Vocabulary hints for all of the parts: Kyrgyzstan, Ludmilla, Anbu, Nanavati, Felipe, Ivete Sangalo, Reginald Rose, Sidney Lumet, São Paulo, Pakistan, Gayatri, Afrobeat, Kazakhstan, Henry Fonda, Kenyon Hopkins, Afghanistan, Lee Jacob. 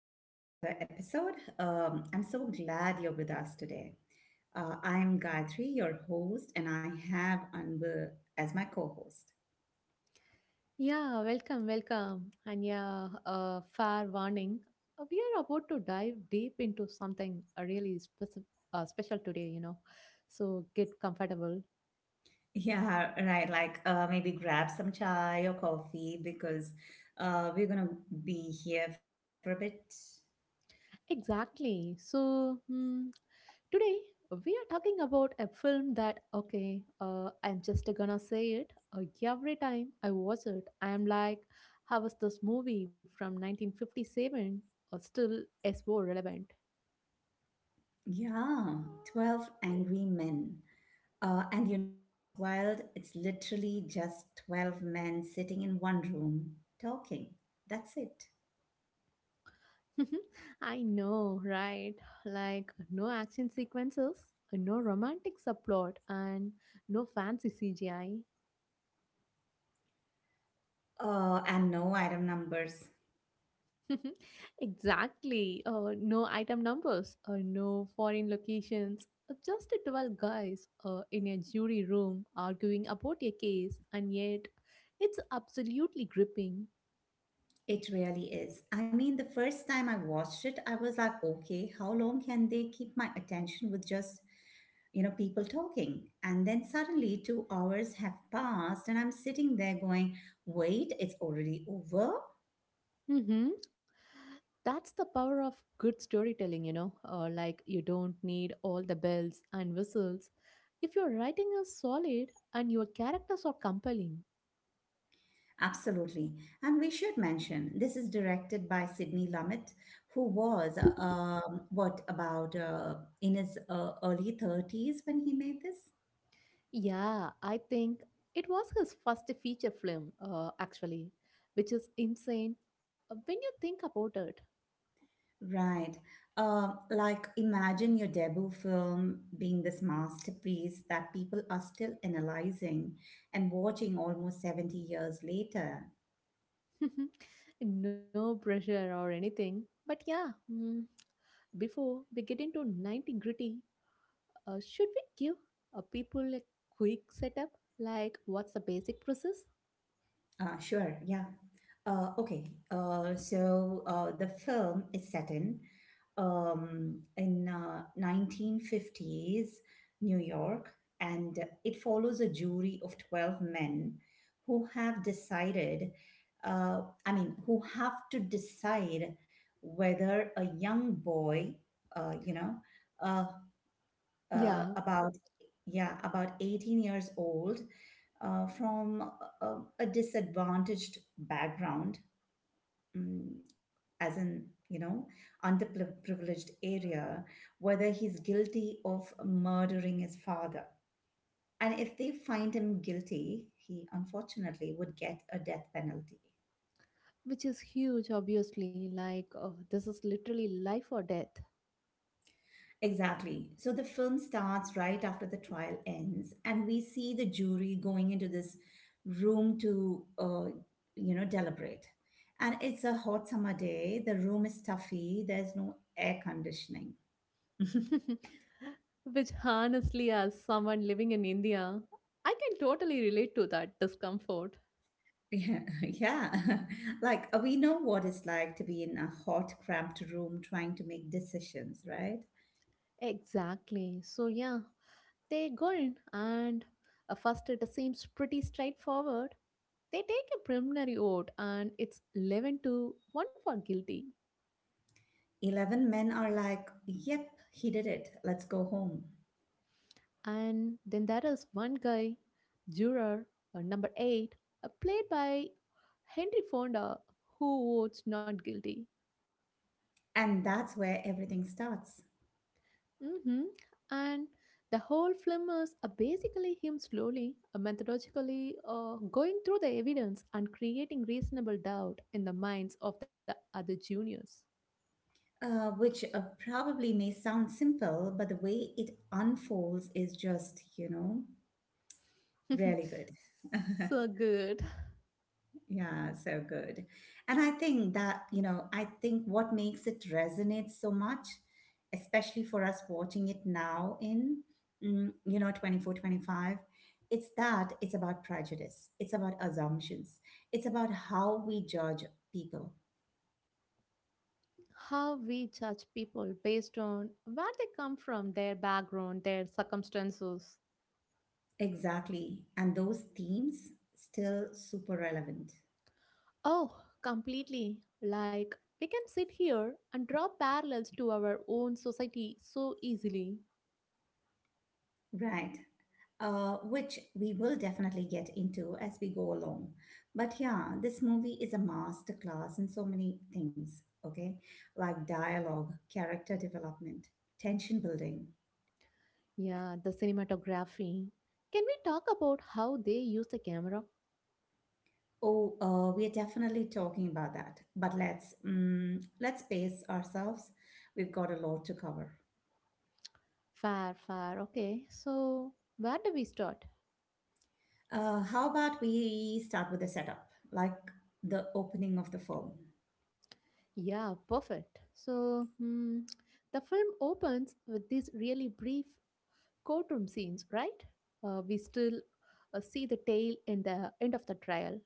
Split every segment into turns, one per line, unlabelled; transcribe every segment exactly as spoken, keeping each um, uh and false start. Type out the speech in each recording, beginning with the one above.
back to another episode. Um, I'm so glad you're with us today. Uh, I'm Gayatri, your host, and I have Anbu as my co host.
Yeah, welcome, welcome. And yeah, uh, fair warning. uh, We are about to dive deep into something uh, really specific, uh, special today, you know. So get comfortable.
Yeah, right. Like uh, maybe grab some chai or coffee because uh, we're going to be here for a bit.
Exactly. So hmm, today we are talking about a film that, okay, uh, I'm just gonna say it. Uh, every time I watch it, I'm like, how was this movie from nineteen fifty-seven or still S four relevant?
Yeah, twelve angry men. Uh, and you know what's wild? It's literally just twelve men sitting in one room talking. That's it.
I know, right? Like no action sequences, no romantic subplot, and no fancy C G I.
Uh, and no item numbers.
Exactly. Uh, no item numbers, uh, no foreign locations. Uh, Just twelve guys uh, in a jury room arguing about a case, and yet it's absolutely gripping.
It really is. I mean, the first time I watched it, I was like, okay, how long can they keep my attention with just, you know, people talking? And then suddenly two hours have passed and I'm sitting there going, wait, it's already over?
That's the power of good storytelling, you know. Uh, like, you don't need all the bells and whistles if your writing is solid and your characters are compelling.
Absolutely. And we should mention this is directed by Sidney Lumet, who was, um, what, about uh, in his uh, early thirties when he made this?
Yeah, I think it was his first feature film, uh, actually, which is insane uh, when you think about it.
Right. Uh, like imagine your debut film being this masterpiece that people are still analyzing and watching almost seventy years later.
No pressure or anything. But yeah, mm, before we get into ninety gritty, uh, should we give uh, people a quick setup? Like, what's the basic process?
Uh, sure, yeah. Uh, okay, uh, so uh, the film is set in um, in uh, nineteen fifties New York, and it follows a jury of twelve men who have decided, uh, I mean, who have to decide whether a young boy, uh, you know, uh, uh,
Yeah,
about yeah about eighteen years old uh, from a, a disadvantaged background, mm, as in, you know, underprivileged area, whether he's guilty of murdering his father. And if they find him guilty, he unfortunately would get a death penalty.
which is huge, obviously. Like, oh, this is literally life or death.
Exactly. So the film starts right after the trial ends, and we see the jury going into this room to, uh, you know, deliberate. And it's a hot summer day. The room is stuffy. There's no air conditioning.
Which, honestly, as someone living in India, I can totally relate to that discomfort.
Yeah, yeah. Like uh, we know what it's like to be in a hot, cramped room trying to make decisions, right?
Exactly. So, yeah, they go in, and uh, first it seems pretty straightforward. They take a preliminary vote, and it's eleven to one for guilty.
eleven men are like, yep, he did it. Let's go home.
And then there is one guy, juror uh, number eight, uh, played by Henry Fonda, who votes not guilty.
And that's where everything starts.
hmm And the whole film is uh, basically him slowly, uh, methodologically uh, going through the evidence and creating reasonable doubt in the minds of the other juniors.
uh, which uh, probably may sound simple, but the way it unfolds is just, you know, really good.
So good.
Yeah, so good. And I think that, you know, I think what makes it resonate so much, especially for us watching it now in, mm, you know, twenty four twenty five, it's that it's about prejudice, it's about assumptions, it's about how we judge people.
How we judge people based on where they come from, their background, their circumstances.
Exactly. And those themes still super relevant.
Oh, completely. Like, we can sit here and draw parallels to our own society so easily.
Right. Uh, which we will definitely get into as we go along. But yeah, this movie is a masterclass in so many things, okay? Like dialogue, character development, tension building.
Yeah, the cinematography. Can we talk about how they use the camera?
Oh, uh, we are definitely talking about that. But let's um, let's pace ourselves. We've got a lot to cover.
Fair, fair. Okay, so where do we start?
Uh, how about we start with the setup, like the opening of the film?
Yeah, perfect. So, hmm, the film opens with these really brief courtroom scenes, right? Uh, we still uh, see the tail in the end of the trial.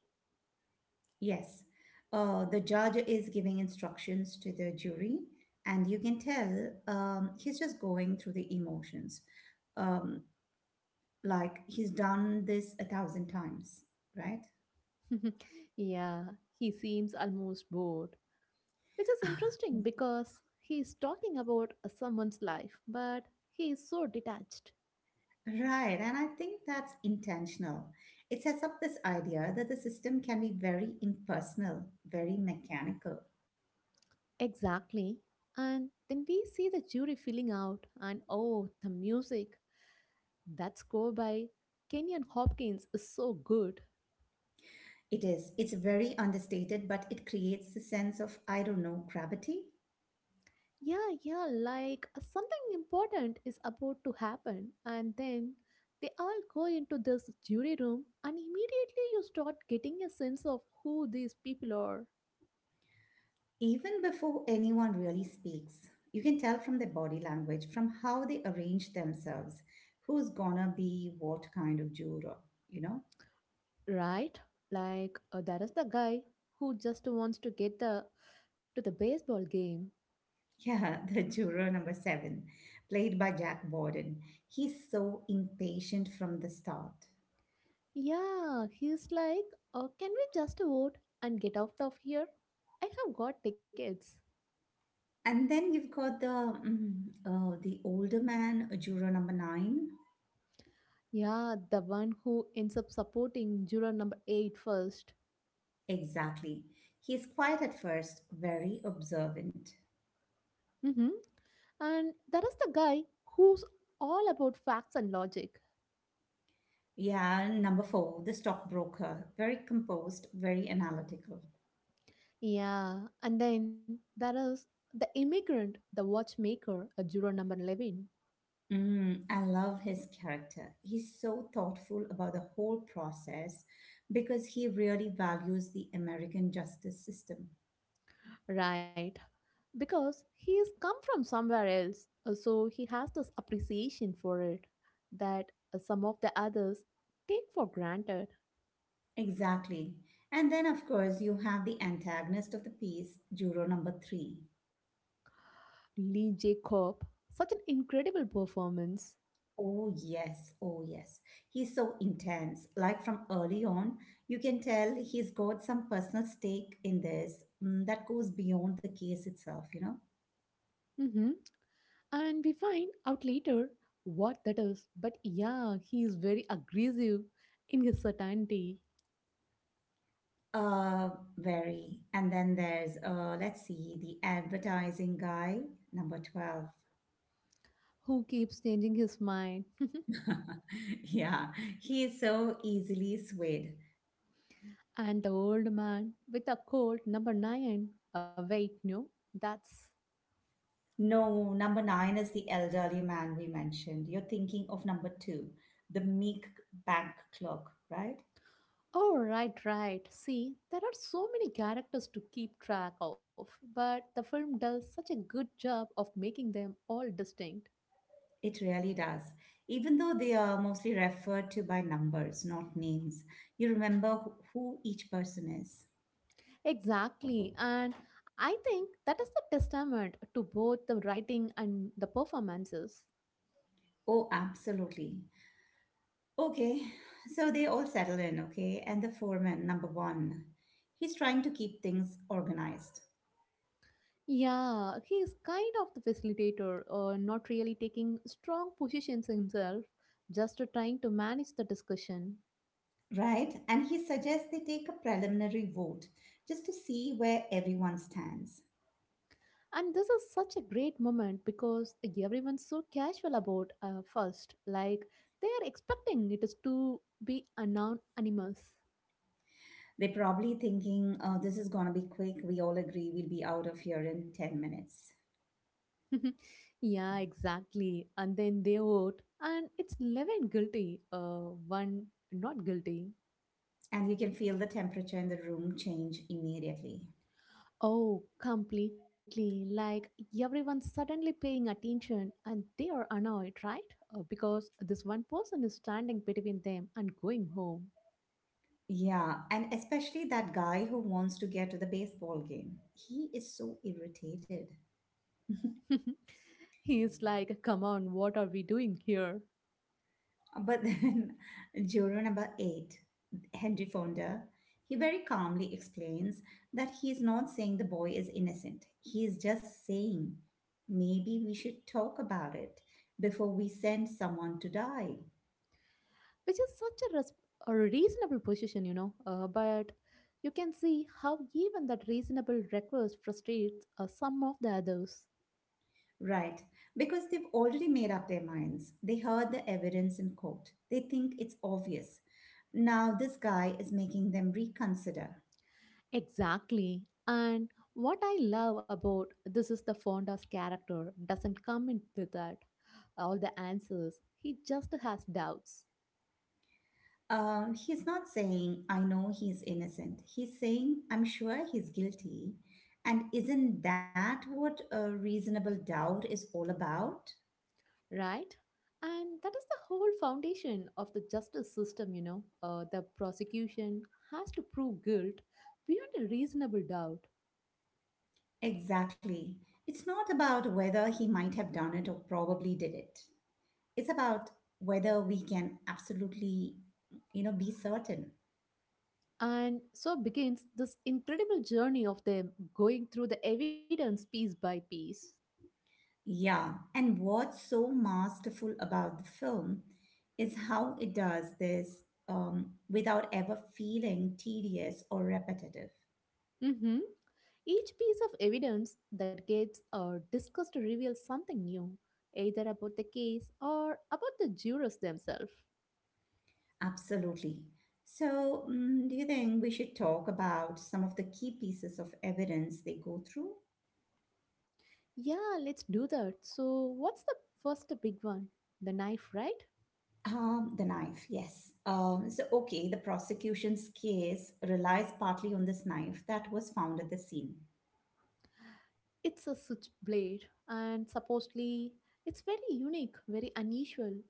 Yes, uh, the judge is giving instructions to the jury, and you can tell um, he's just going through the emotions. Um, like he's done this a thousand times, right?
Yeah, he seems almost bored, which is interesting because he is talking about uh, someone's life, but he is so detached.
Right, and I think that's intentional. It sets up this idea that the system can be very impersonal, very mechanical.
Exactly. And then we see the jury filling out, and oh, the music. That score by Kenyon Hopkins is so good.
It is. It's very understated, but it creates the sense of, I don't know, gravity.
Yeah, yeah, like something important is about to happen, and then they all go into this jury room, and immediately you start getting a sense of who these people are.
Even before anyone really speaks, you can tell from their body language, from how they arrange themselves, who's gonna be what kind of juror, you know?
Right? Like uh, there is the guy who just wants to get the to the baseball game.
Yeah, the juror number seven, played by Jack Borden. He's so impatient from the start.
Yeah, he's like, uh, can we just vote and get out of here? I have got tickets.
And then you've got the mm, uh, the older man, juror number nine.
Yeah, the one who ends up supporting juror number eight first.
Exactly. He's quiet at first, very observant.
Mm-hmm. And there is the guy who's all about facts and logic.
Yeah, number four, the stockbroker. Very composed, very analytical.
Yeah, and then there is the immigrant, the watchmaker, uh, juror number eleven.
Mm, I love his character. He's so thoughtful about the whole process because he really values the American justice system.
Right. Because he's come from somewhere else, uh, so he has this appreciation for it that uh, some of the others take for granted.
Exactly. And then, of course, you have the antagonist of the piece, Juror number three.
Lee Jacob, such an incredible performance.
Oh, yes. Oh, yes. He's so intense. Like from early on, you can tell he's got some personal stake in this, mm, that goes beyond the case itself, you know?
hmm And we find out later what that is. But yeah, he is very aggressive in his certainty,
Uh, very. And then there's, uh, let's see, the advertising guy, number twelve.
who keeps changing his mind.
Yeah, he is so easily swayed.
And the old man with a cold, number nine. Uh, wait, no, that's
No, number nine is the elderly man we mentioned. You're thinking of number two, the meek bank clerk, right?
Oh, right, right. See, there are so many characters to keep track of, but the film does such a good job of making them all distinct.
It really does. Even though they are mostly referred to by numbers, not names, you remember who who each person is.
Exactly, and I think that is the testament to both the writing and the performances.
Oh, absolutely. Okay, so they all settle in, okay? And the foreman, number one, he's trying to keep things organized,
Yeah, he is kind of the facilitator, uh, not really taking strong positions himself, just trying to manage the discussion.
right? And he suggests they take a preliminary vote just to see where everyone stands.
And this is such a great moment because everyone's so casual about uh, first, like they are expecting it is to be anonymous.
They're probably thinking, oh, this is going to be quick. We all agree we'll be out of here in ten minutes.
Yeah, exactly. And then they vote, and it's eleven guilty, uh, one not guilty.
And you can feel the temperature in the room change immediately.
Oh, completely. Like everyone's suddenly paying attention and they are annoyed, right? Uh, because this one person is standing between them and going home.
Yeah, and especially that guy who wants to get to the baseball game. He is so irritated.
He's like, come on, what are we doing here?
But then, juror number eight, Henry Fonda, he very calmly explains that he is not saying the boy is innocent. He is just saying maybe we should talk about it before we send someone to die.
Which is such a, res- A reasonable position, you know. Uh, but you can see how even that reasonable request frustrates uh, some of the others.
Right, because they've already made up their minds. They heard the evidence in court, they think it's obvious. Now, this guy is making them reconsider.
Exactly. And what I love about this is the Fonda's character doesn't come in with that all the answers. He just has doubts.
Um, he's not saying, I know he's innocent. He's saying, I'm sure he's guilty. And isn't that what a reasonable doubt is all about?
Right? And that is the whole foundation of the justice system, you know. Uh, the prosecution has to prove guilt beyond a reasonable doubt.
Exactly. It's not about whether he might have done it or probably did it. It's about whether we can absolutely, you know, be certain.
And so begins this incredible journey of them going through the evidence piece by piece.
Yeah. And what's so masterful about the film is how it does this um, without ever feeling tedious or repetitive.
Mm-hmm. Each piece of evidence that gets uh, discussed reveals something new, either about the case or about the jurors themselves.
Absolutely. So, mm, do you think we should talk about some of the key pieces of evidence they go through?
Yeah, let's do that. So, what's the first big one? The knife, right?
Um, the knife, yes. Um, so, okay, the prosecution's case relies partly on this knife that was found at the scene.
It's a switchblade, and supposedly it's very unique, very unusual.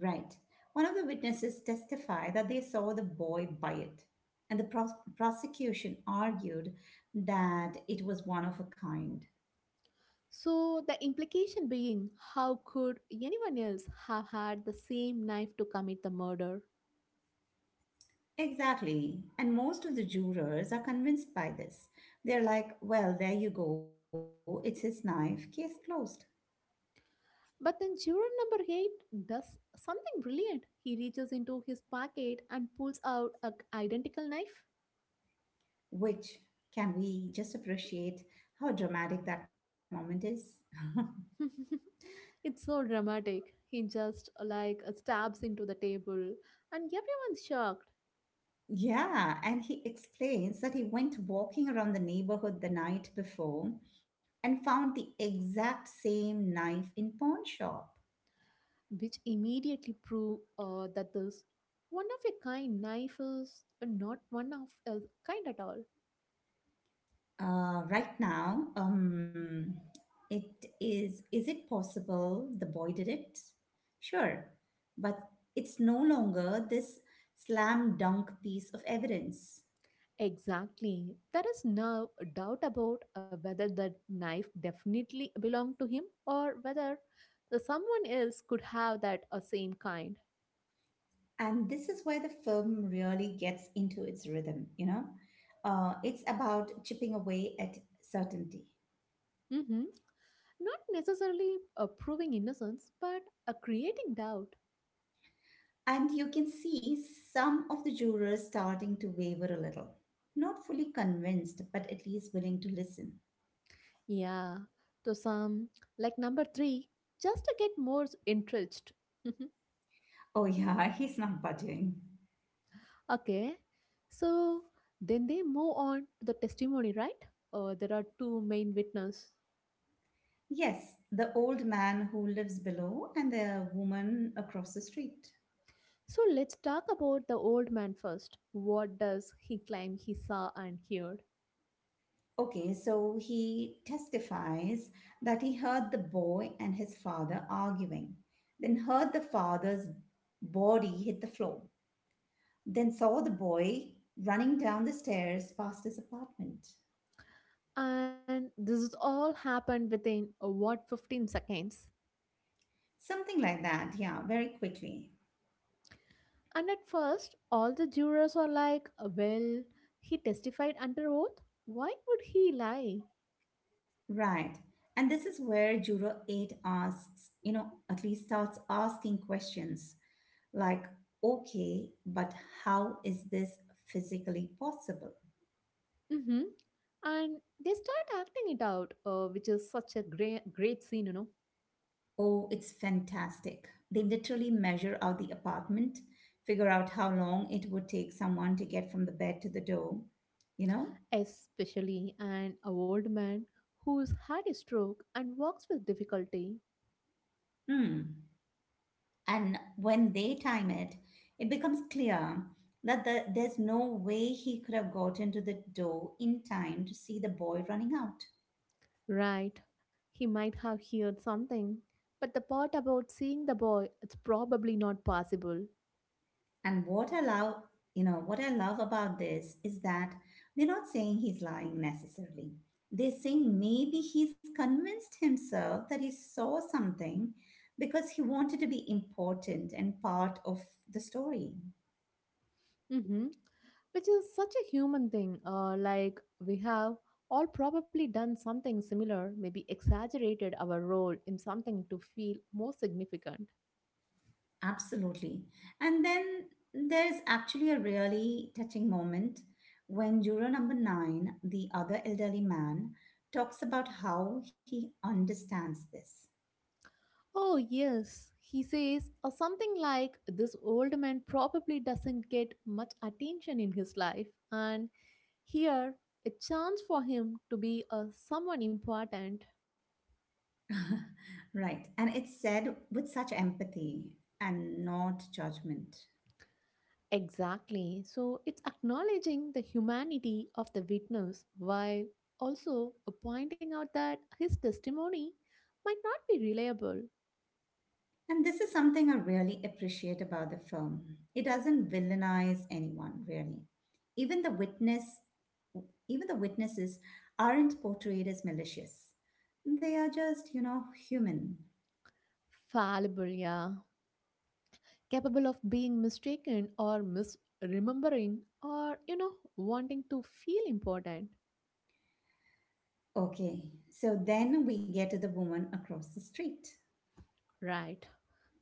Right. One of the witnesses testified that they saw the boy buy it, and the pros- prosecution argued that it was one of a kind.
So, the implication being, how could anyone else have had the same knife to commit the murder?
Exactly. And most of the jurors are convinced by this. They're like, well, there you go, it's his knife, case closed.
But then juror number eight does something brilliant. He reaches into his pocket and pulls out a identical knife.
Which, can we just appreciate how dramatic that moment is?
It's so dramatic. He just like stabs into the table and everyone's shocked,
Yeah, and he explains that he went walking around the neighborhood the night before and found the exact same knife in pawn shop.
which immediately prove uh, that this one of a kind knife is not one of a kind at all.
Uh, right now, um, it is. Is it possible the boy did it? Sure, but it's no longer this slam dunk piece of evidence.
Exactly. There is no doubt about uh, whether the knife definitely belonged to him or whether the someone else could have that uh, same kind.
And this is where the film really gets into its rhythm, you know? Uh, it's about chipping away at certainty.
hmm Not necessarily uh, proving innocence, but uh, creating doubt.
And you can see some of the jurors starting to waver a little. Not fully convinced, but at least willing to listen.
Yeah, to some, like number three, just to get more s- entrenched.
Oh, yeah, he's not budging.
Okay, so then they move on to the testimony, right? Uh, there are two main witnesses.
Yes, the old man who lives below and the woman across the street.
So let's talk about the old man first. What does he claim he saw and heard?
Okay, so he testifies that he heard the boy and his father arguing, then heard the father's body hit the floor, then saw the boy running down the stairs past his apartment.
And this is all happened within uh, what, fifteen seconds.
Something like that, yeah, very quickly.
And at first, all the jurors are like, well, he testified under oath. Why would he lie?
Right. And this is where Juror eight asks, you know, at least starts asking questions. Like, okay, but how is this physically possible?
hmm And they start acting it out, uh, which is such a great, great scene, you know.
Oh, it's fantastic. They literally measure out the apartment, figure out how long it would take someone to get from the bed to the door, you know?
Especially an old man who's had a stroke and walks with difficulty.
Hmm. And when they time it, it becomes clear that the, there's no way he could have gotten to the door in time to see the boy running out.
Right. He might have heard something. But the part about seeing the boy, it's probably not possible.
And what I love, you know, what I love about this is that they're not saying he's lying necessarily. They're saying maybe he's convinced himself that he saw something because he wanted to be important and part of the story.
hmm Which is such a human thing. Uh, like, we have all probably done something similar, maybe exaggerated our role in something to feel more significant.
Absolutely. And then there's actually a really touching moment when juror number nine, the other elderly man, talks about how he understands this.
Oh, yes, he says, or something like, this old man probably doesn't get much attention in his life, and here, a chance for him to be a someone important.
Right. And it's said with such empathy and not judgment.
Exactly. So it's acknowledging the humanity of the witness while also pointing out that his testimony might not be reliable,
And this is something I really appreciate about the film. It doesn't villainize anyone, really. Even the witness, even the witnesses aren't portrayed as malicious. They are just, you know, human.
fallible, yeah, capable of being mistaken or misremembering or, you know, wanting to feel important.
Okay, so then we get to the woman across the street.
Right.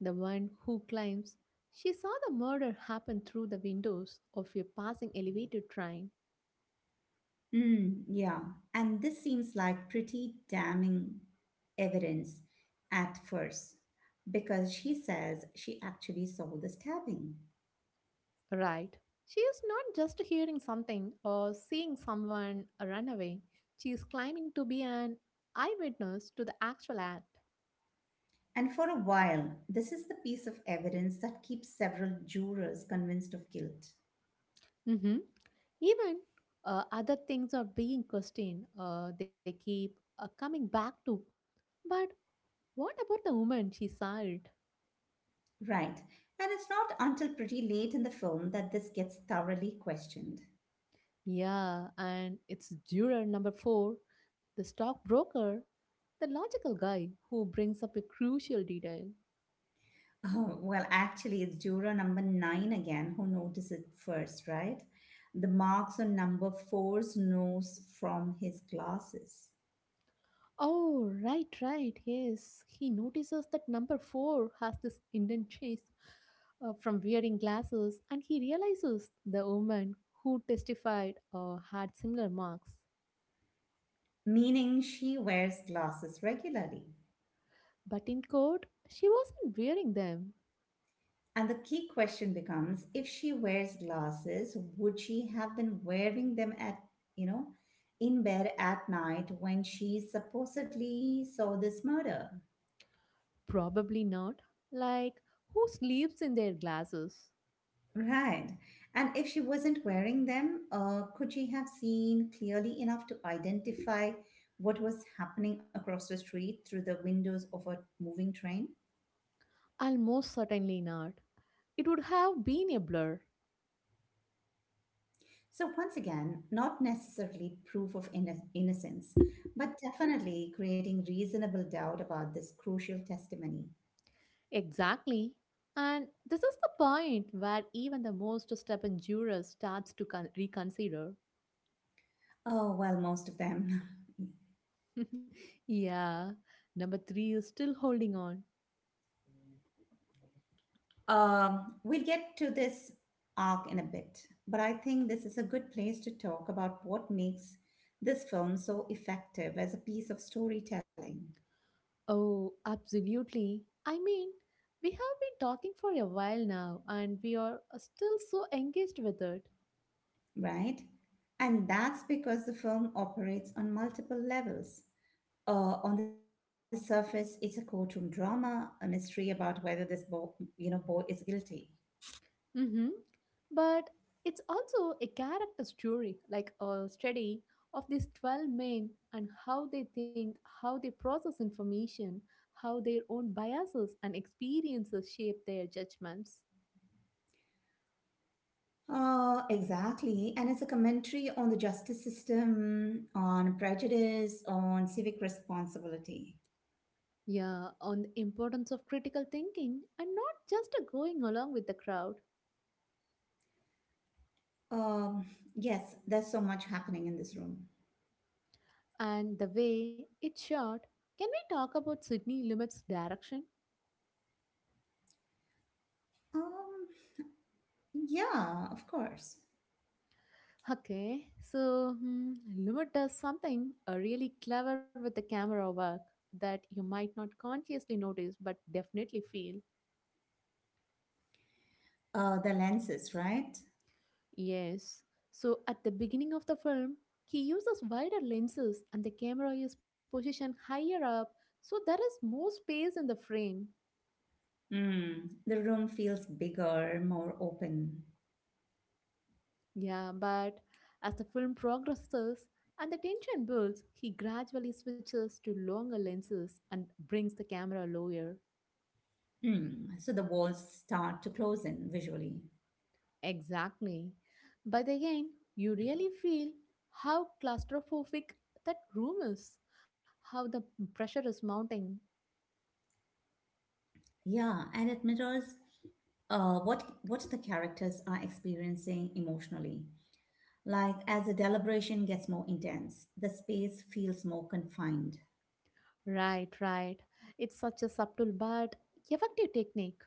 The one who claims she saw the murder happen through the windows of a passing elevator train.
Mm, yeah, and this seems like pretty damning evidence at first because she says she actually saw the stabbing.
Right. She is not just hearing something or seeing someone run away. She is claiming to be an eyewitness to the actual act.
And for a while, this is the piece of evidence that keeps several jurors convinced of guilt.
Mhm. Even uh, other things are being questioned. Uh, they keep uh, coming back to. But what about the woman she sired?
Right, and it's not until pretty late in the film that this gets thoroughly questioned.
Yeah, and it's juror number four, the stockbroker, the logical guy who brings up a crucial detail.
Oh, well, actually, it's juror number nine again who noticed it first, right? The marks on number four's nose from his glasses,
Oh, right, right. Yes, he notices that number four has this indent chase uh, from wearing glasses, and he realizes the woman who testified uh, had similar marks.
meaning she wears glasses regularly.
But in court, she wasn't wearing them.
And the key question becomes, if she wears glasses, would she have been wearing them at, you know, in bed at night when she supposedly saw this murder?
Probably not. Like, who sleeps in their glasses?
Right. And if she wasn't wearing them, uh, could she have seen clearly enough to identify what was happening across the street through the windows of a moving train?
Almost certainly not. It would have been a blur.
So, once again, not necessarily proof of inno- innocence, but definitely creating reasonable doubt about this crucial testimony.
Exactly. And this is the point where even the most stubborn juror starts to con- reconsider.
Oh, well, most of them.
Yeah, number three is still holding on.
Um, we'll get to this arc in a bit, but I think this is a good place to talk about what makes this film so effective as a piece of storytelling,
Oh, absolutely. I mean, we have been talking for a while now and we are still so engaged with it.
right? And that's because the film operates on multiple levels. Uh, on the surface, it's a courtroom drama, a mystery about whether this boy, you know, boy is guilty.
Mm-hmm. But it's also a character story, like a study of these twelve men and how they think, how they process information, how their own biases and experiences shape their judgments.
Uh, exactly. And it's a commentary on the justice system, on prejudice, on civic responsibility.
Yeah, on the importance of critical thinking and not just a going along with the crowd
Um, yes, there's so much happening in this room.
and the way it's shot. Can we talk about Sydney Lumet's direction?
Um, yeah, of course.
Okay, so hmm, Lumet does something uh, really clever with the camera work that you might not consciously notice but definitely feel.
Uh, the lenses, right?
Yes, so at the beginning of the film, he uses wider lenses and the camera is positioned higher up so there is more space in the frame.
Hmm. The room feels bigger, more open.
Yeah, but as the film progresses and the tension builds, he gradually switches to longer lenses and brings the camera lower.
Hmm. So the walls start to close in visually.
Exactly. By the end, you really feel how claustrophobic that room is, how the pressure is mounting.
Yeah, and it mirrors uh, what what the characters are experiencing emotionally. Like as the deliberation gets more intense, the space feels more confined.
Right, right. It's such a subtle but effective technique.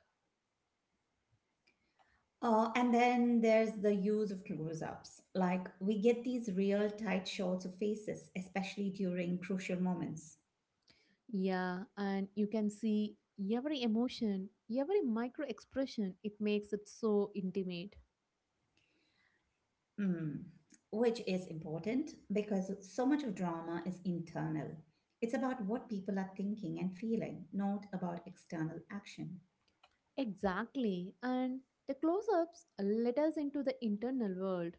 Uh, and then there's the use of close ups. Like, we get these real tight shots of faces, especially during crucial moments,
Yeah, and you can see every emotion, every micro expression, it makes it so intimate.
mm, which is important because so much of drama is internal. It's about what people are thinking and feeling, not about external action.
Exactly. And the close ups let us into the internal world.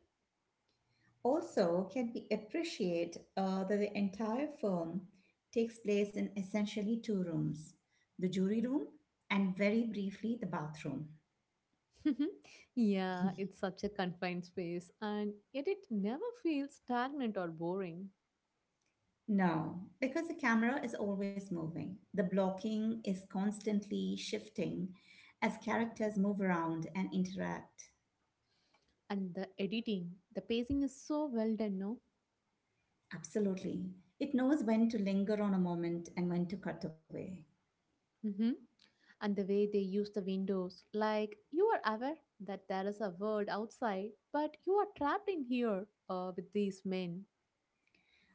Also, can we appreciate uh, that the entire film takes place in essentially two rooms, the jury room and very briefly the bathroom?
Yeah, it's such a confined space, and yet it never feels stagnant or boring.
No, because the camera is always moving. The blocking is constantly shifting as characters move around and interact.
And the editing, the pacing is so well done, no?
Absolutely. It knows when to linger on a moment and when to cut away.
Hmm. And the way they use the windows, like you are aware that there is a world outside, but you are trapped in here uh, with these men.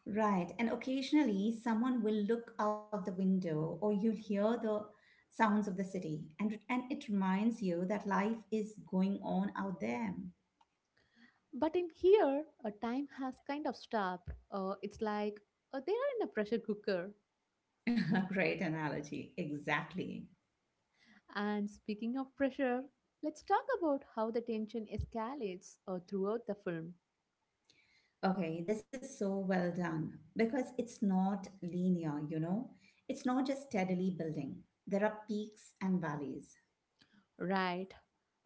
Right, and occasionally someone will look out the window or you'll hear the sounds of the city and and it reminds you that life is going on out there.
But in here, a time has kind of stopped. Uh, it's like uh, they are in a pressure cooker.
Great analogy. Exactly.
And speaking of pressure, let's talk about how the tension escalates uh, throughout the film.
Okay, this is so well done because it's not linear, you know? It's not just steadily building. There are peaks and valleys.
Right?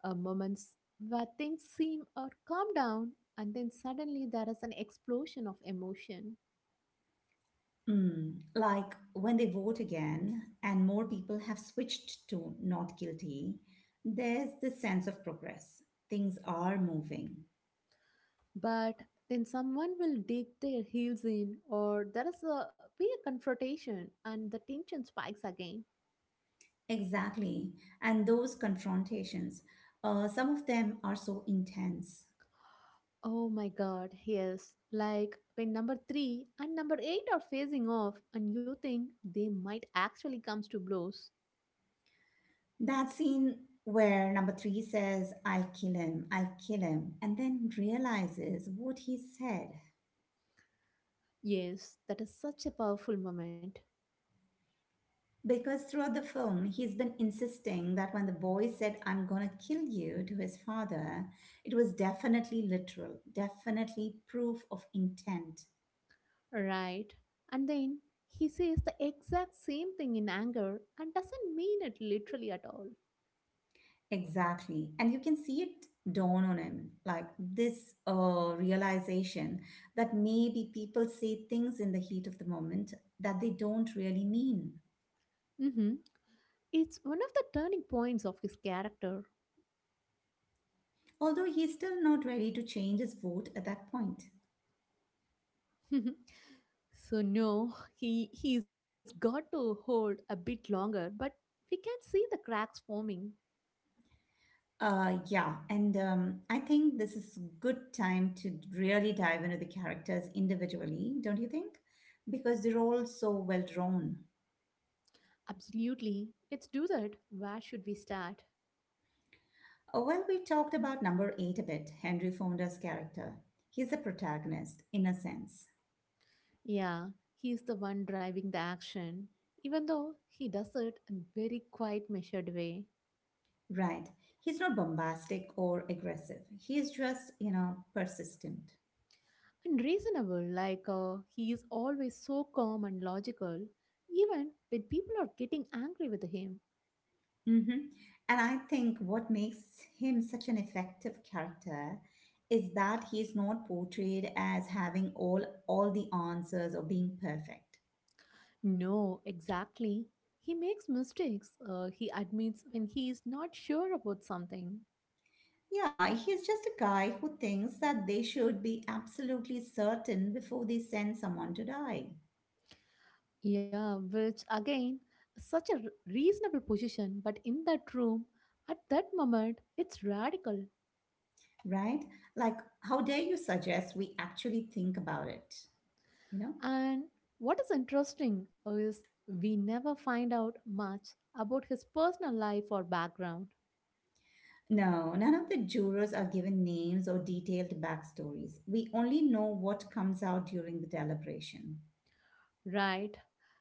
Uh, moments where things seem or calm down, and then suddenly there is an explosion of emotion.
Mm, like when they vote again and more people have switched to not guilty, there's this sense of progress. Things are moving.
But then someone will dig their heels in, or there is a be a confrontation, and the tension spikes again.
Exactly. And those confrontations, uh, some of them are so intense.
Oh my god, yes. Like when number three and number eight are facing off and you think they might actually comes to blows.
That scene where number three says, I'll kill him, I'll kill him, and then realizes what he said.
Yes, that is such a powerful moment.
Because throughout the film, he's been insisting that when the boy said, I'm gonna kill you to his father, it was definitely literal, definitely proof of intent.
Right. And then he says the exact same thing in anger and doesn't mean it literally at all.
Exactly. And you can see it dawn on him like this uh, realization that maybe people say things in the heat of the moment that they don't really mean.
Hmm. It's one of the turning points of his character.
Although he's still not ready to change his vote at that point.
So no, he he's got to hold a bit longer, but we can see the cracks forming.
Uh, yeah, and um, I think this is good time to really dive into the characters individually, don't you think? Because they're all so well drawn.
Absolutely. Let's do that. Where should we start?
Uh, well, we talked about number eight a bit, Henry Fonda's character. He's a protagonist, in a sense,
Yeah, he's the one driving the action, even though he does it in very quiet, measured way.
right? He's not bombastic or aggressive. He's just, you know, persistent.
And reasonable. Like uh, he is always so calm and logical, even when people are getting angry with him.
Mm-hmm. And I think what makes him such an effective character is that he's not portrayed as having all all the answers or being perfect.
No, exactly. He makes mistakes. Uh, he admits when he is not sure about something.
Yeah, he's just a guy who thinks that they should be absolutely certain before they send someone to die,
Yeah, which again, such a r- reasonable position, but in that room, at that moment, it's radical.
right? Like, how dare you suggest we actually think about it, you know?
And what is interesting is we never find out much about his personal life or background,
No, none of the jurors are given names or detailed backstories. We only know what comes out during the deliberation.
right?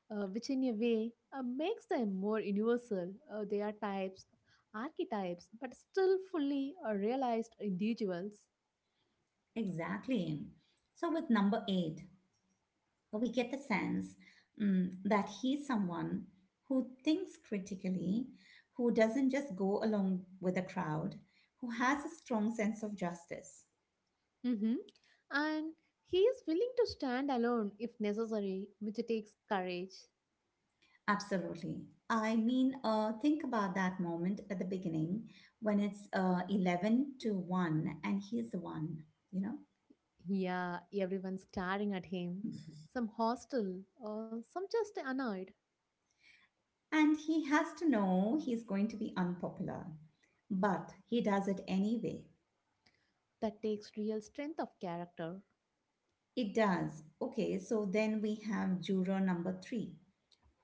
Uh, which, in a way, uh, makes them more universal. Uh, they are types, archetypes, but still fully uh, realized individuals.
Exactly. So, with number eight, we get the sense mm, that he's someone who thinks critically, who doesn't just go along with the crowd, who has a strong sense of justice.
Mhm. And he is willing to stand alone if necessary, which takes courage.
Absolutely. I mean, uh, think about that moment at the beginning when it's uh, eleven to one and he's the one, you know?
Yeah, everyone staring at him, some hostile, uh, some just annoyed.
And he has to know he's going to be unpopular, but he does it anyway.
That takes real strength of character.
It does. Okay, so then we have juror number three,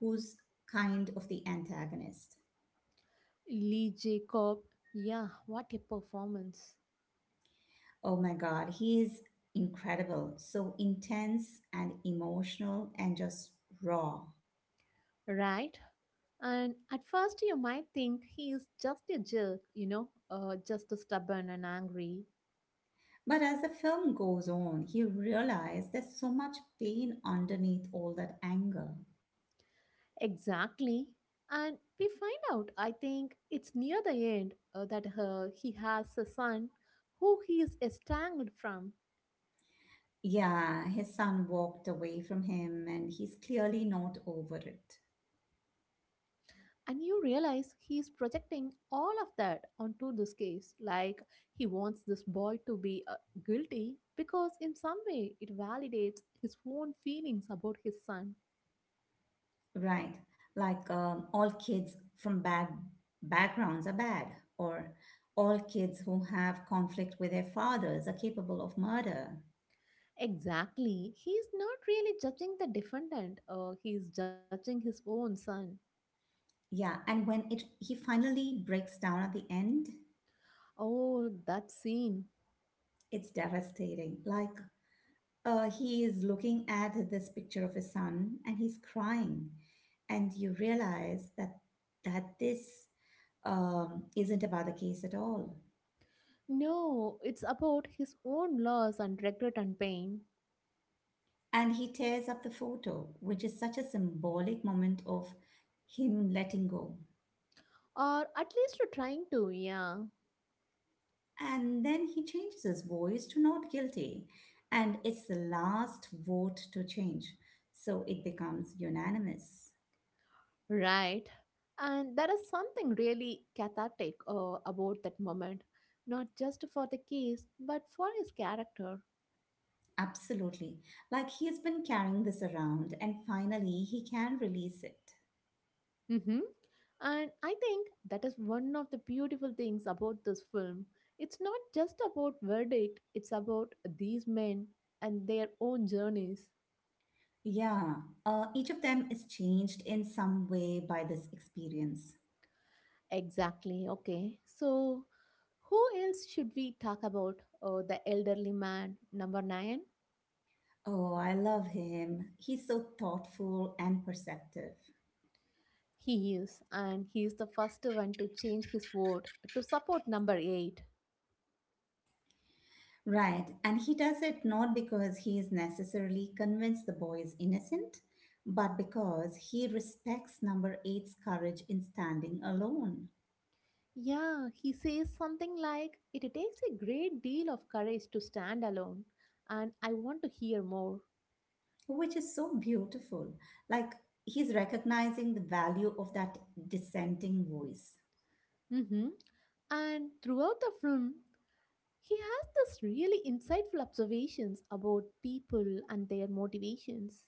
who's kind of the antagonist.
Lee Jacob, yeah, what a performance.
Oh my God, he is incredible, so intense and emotional and just raw.
Right? And at first, you might think he is just a jerk, you know, uh, just stubborn and angry.
But as the film goes on, he realizes there's so much pain underneath all that anger.
Exactly. And we find out, I think it's near the end, uh, that uh, he has a son who he is estranged from.
Yeah, his son walked away from him and he's clearly not over it.
And you realize he is projecting all of that onto this case. Like he wants this boy to be uh, guilty because, in some way, it validates his own feelings about his son.
Right. Like um, all kids from bad backgrounds are bad, or all kids who have conflict with their fathers are capable of murder.
Exactly. He's not really judging the defendant, uh, he's judging his own son.
Yeah, and when it he finally breaks down at the end,
Oh, that scene.
it's devastating. Like uh, he is looking at this picture of his son and he's crying, and you realize that that this um, isn't about the case at all.
No, it's about his own loss and regret and pain.
And he tears up the photo, which is such a symbolic moment of him letting go.
Or at least you're trying to, yeah.
And then he changes his voice to not guilty, and it's the last vote to change, so it becomes unanimous.
Right. And there is something really cathartic uh, about that moment, not just for the case, but for his character.
Absolutely. Like he has been carrying this around, and finally he can release it.
Mm-hmm. And I think that is one of the beautiful things about this film. It's not just about verdict, it's about these men and their own journeys.
Yeah, uh, each of them is changed in some way by this experience.
Exactly. Okay. So, who else should we talk about? Oh, the elderly man, number nine.
Oh, I love him. He's so thoughtful and perceptive.
He is, and he is the first one to change his vote to support number eight.
Right, and he does it not because he is necessarily convinced the boy is innocent, but because he respects number eight's courage in standing alone,
Yeah, he says something like, "It takes a great deal of courage to stand alone, and I want to hear more."
which is so beautiful. Like he's recognizing the value of that dissenting voice.
Hmm. And throughout the film, he has this really insightful observations about people and their motivations.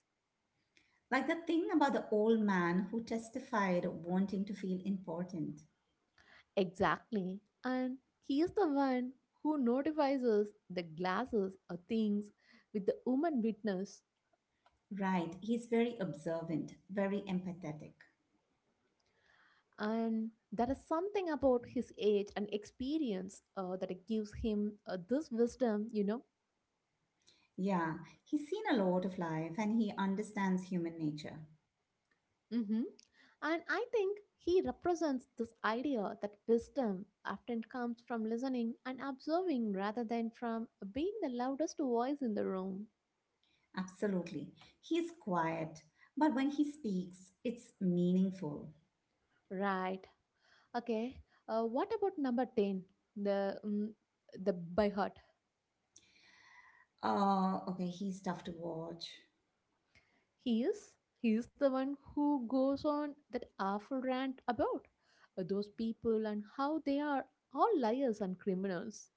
Like the thing about the old man who testified wanting to feel important.
Exactly. And he is the one who notifies us that glasses are things with the human witness.
Right, he's very observant, very empathetic.
And there is something about his age and experience uh, that it gives him uh, this wisdom, you know.
Yeah, he's seen a lot of life and he understands human nature.
Hmm. And I think he represents this idea that wisdom often comes from listening and observing rather than from being the loudest voice in the room.
Absolutely. He's quiet, but when he speaks, it's meaningful.
Right. Okay. Uh, what about number ten, the mm, the by heart?
Uh, okay, he's tough to watch.
He is. He is the one who goes on that awful rant about uh, those people and how they are all liars and criminals.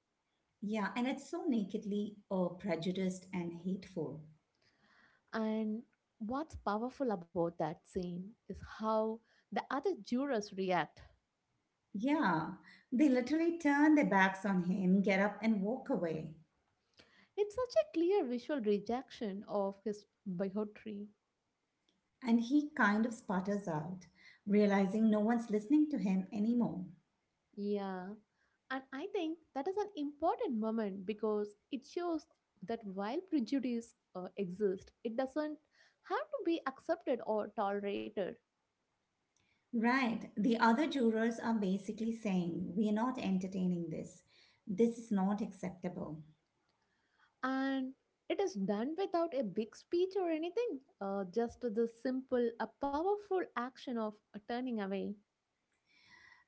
Yeah, and it's so nakedly uh, prejudiced and hateful.
And what's powerful about that scene is how the other jurors react.
Yeah, they literally turn their backs on him, get up, and walk away.
It's such a clear visual rejection of his bigotry.
And he kind of sputters out, realizing no one's listening to him anymore.
Yeah. And I think that is an important moment because it shows that while prejudice uh, exists, it doesn't have to be accepted or tolerated.
Right, the other jurors are basically saying, we're not entertaining this. This is not acceptable.
And it is done without a big speech or anything, uh, just the simple a powerful action of uh, turning away.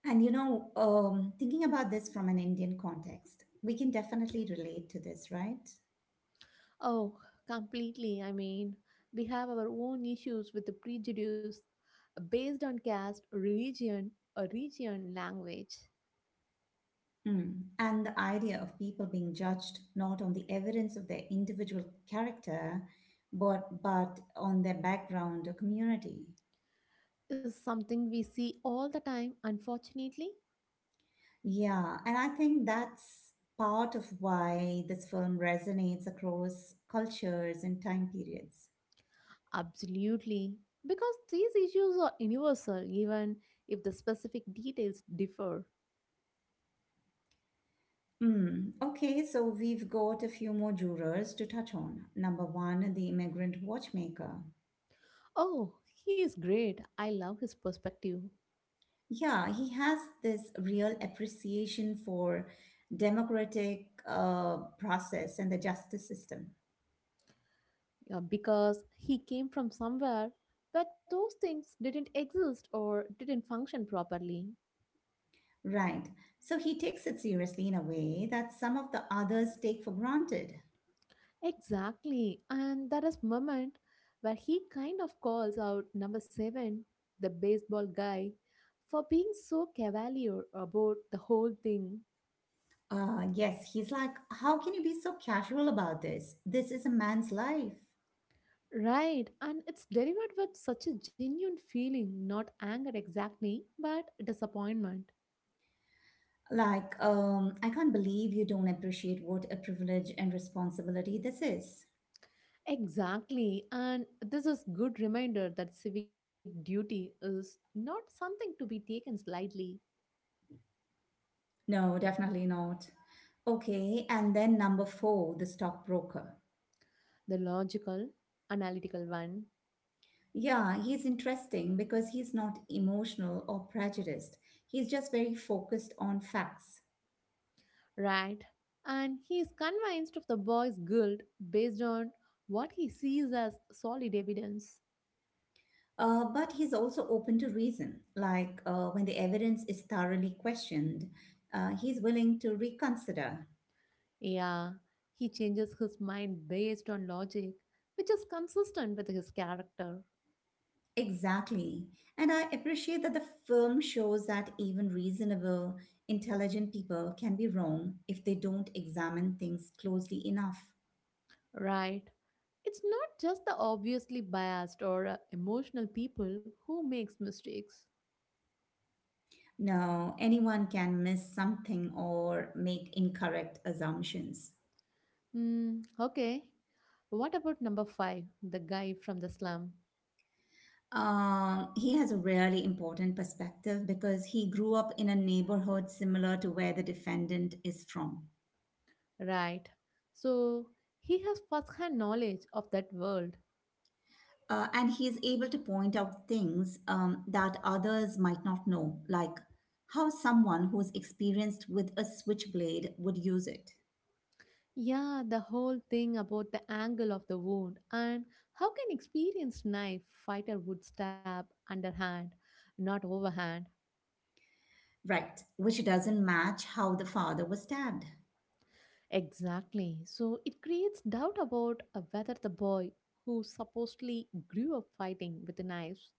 And you know, um, thinking about this from an Indian context, we can definitely relate to this, right?
Oh, completely. I mean, we have our own issues with the prejudice uh, based on caste religion or region language
Mm. And the idea of people being judged not on the evidence of their individual character, but but on their background or community.
is something we see all the time, unfortunately.
Yeah, and I think that's part of why this film resonates across cultures and time periods.
Absolutely, because these issues are universal even if the specific details differ.
Mm, okay, so we've got a few more jurors to touch on. Number one, the immigrant watchmaker.
Oh, he is great. I love his perspective.
Yeah, he has this real appreciation for democratic uh, process and the justice system.
Yeah, because he came from somewhere where those things didn't exist or didn't function properly.
Right. So he takes it seriously in a way that some of the others take for granted.
Exactly. And that is moment where he kind of calls out number seven, the baseball guy, for being so cavalier about the whole thing.
Uh, yes, he's like, how can you be so casual about this? This is a man's life.
Right, and it's delivered with such a genuine feeling, not anger exactly, but disappointment.
Like, um, I can't believe you don't appreciate what a privilege and responsibility this is.
Exactly. And this is good reminder that civic duty is not something to be taken lightly.
No, definitely not. Okay, and then number four, the stockbroker.
The logical, analytical one,
Yeah, he's interesting because he's not emotional or prejudiced. He's just very focused on facts.
right? And he is convinced of the boy's guilt based on what he sees as solid evidence.
Uh, but he's also open to reason. Like uh, when the evidence is thoroughly questioned, uh, he's willing to reconsider.
Yeah, he changes his mind based on logic, which is consistent with his character,
Exactly. And I appreciate that the film shows that even reasonable, intelligent people can be wrong if they don't examine things closely enough.
right? It's not just the obviously biased or uh, emotional people who makes mistakes.
No, anyone can miss something or make incorrect assumptions.
Mm, okay. What about number five, the guy from the slum?
Um, he has a really important perspective because he grew up in a neighborhood similar to where the defendant is from.
Right. So he has first hand knowledge of that world.
Uh, and he is able to point out things um, that others might not know, like how someone who's experienced with a switchblade would use it.
Yeah, the whole thing about the angle of the wound and how can experienced knife fighter would stab underhand, not overhand.
Right, which doesn't match how the father was stabbed.
Exactly. So it creates doubt about uh, whether the boy who supposedly grew up fighting with the knives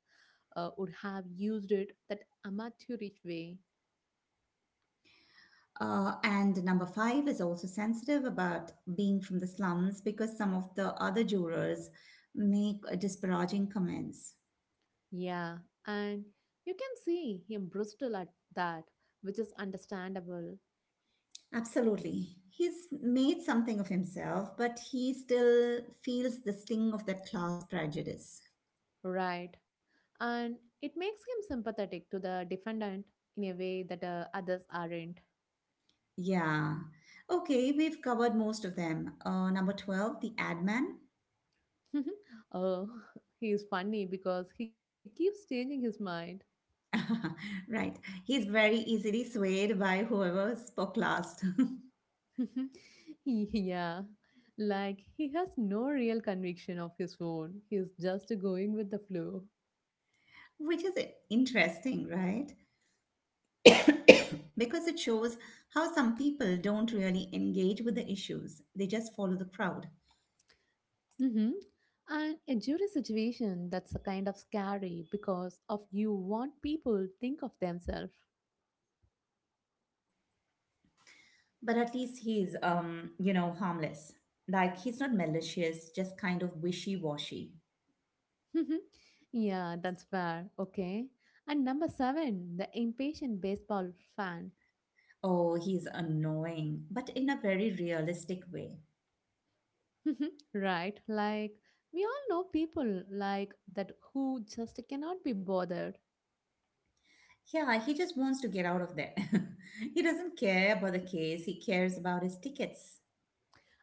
uh, would have used it that amateurish way.
Uh, and number five is also sensitive about being from the slums because some of the other jurors make uh, disparaging comments.
Yeah, and you can see him brutal at that, which is understandable,
Absolutely. He's made something of himself, but he still feels the sting of that class prejudice.
right? And it makes him sympathetic to the defendant in a way that uh, others aren't.
Yeah. Okay, we've covered most of them. Uh, number twelve, the ad man.
Oh, he is funny because he keeps changing his mind.
Right. He's very easily swayed by whoever spoke last.
Yeah, like he has no real conviction of his own, he's just going with the flow.
Which is interesting, right? Because it shows how some people don't really engage with the issues, they just follow the crowd.
Mm-hmm. And a jury situation that's a kind of scary because of you want people think of themselves.
But at least he's um you know harmless. Like he's not malicious, just kind of wishy-washy.
Yeah, that's fair. Okay. And number seven, the impatient baseball fan.
Oh, he's annoying but in a very realistic way.
Right? Like we all know people like that who just cannot be bothered.
Yeah, he just wants to get out of there. He doesn't care about the case, he cares about his tickets.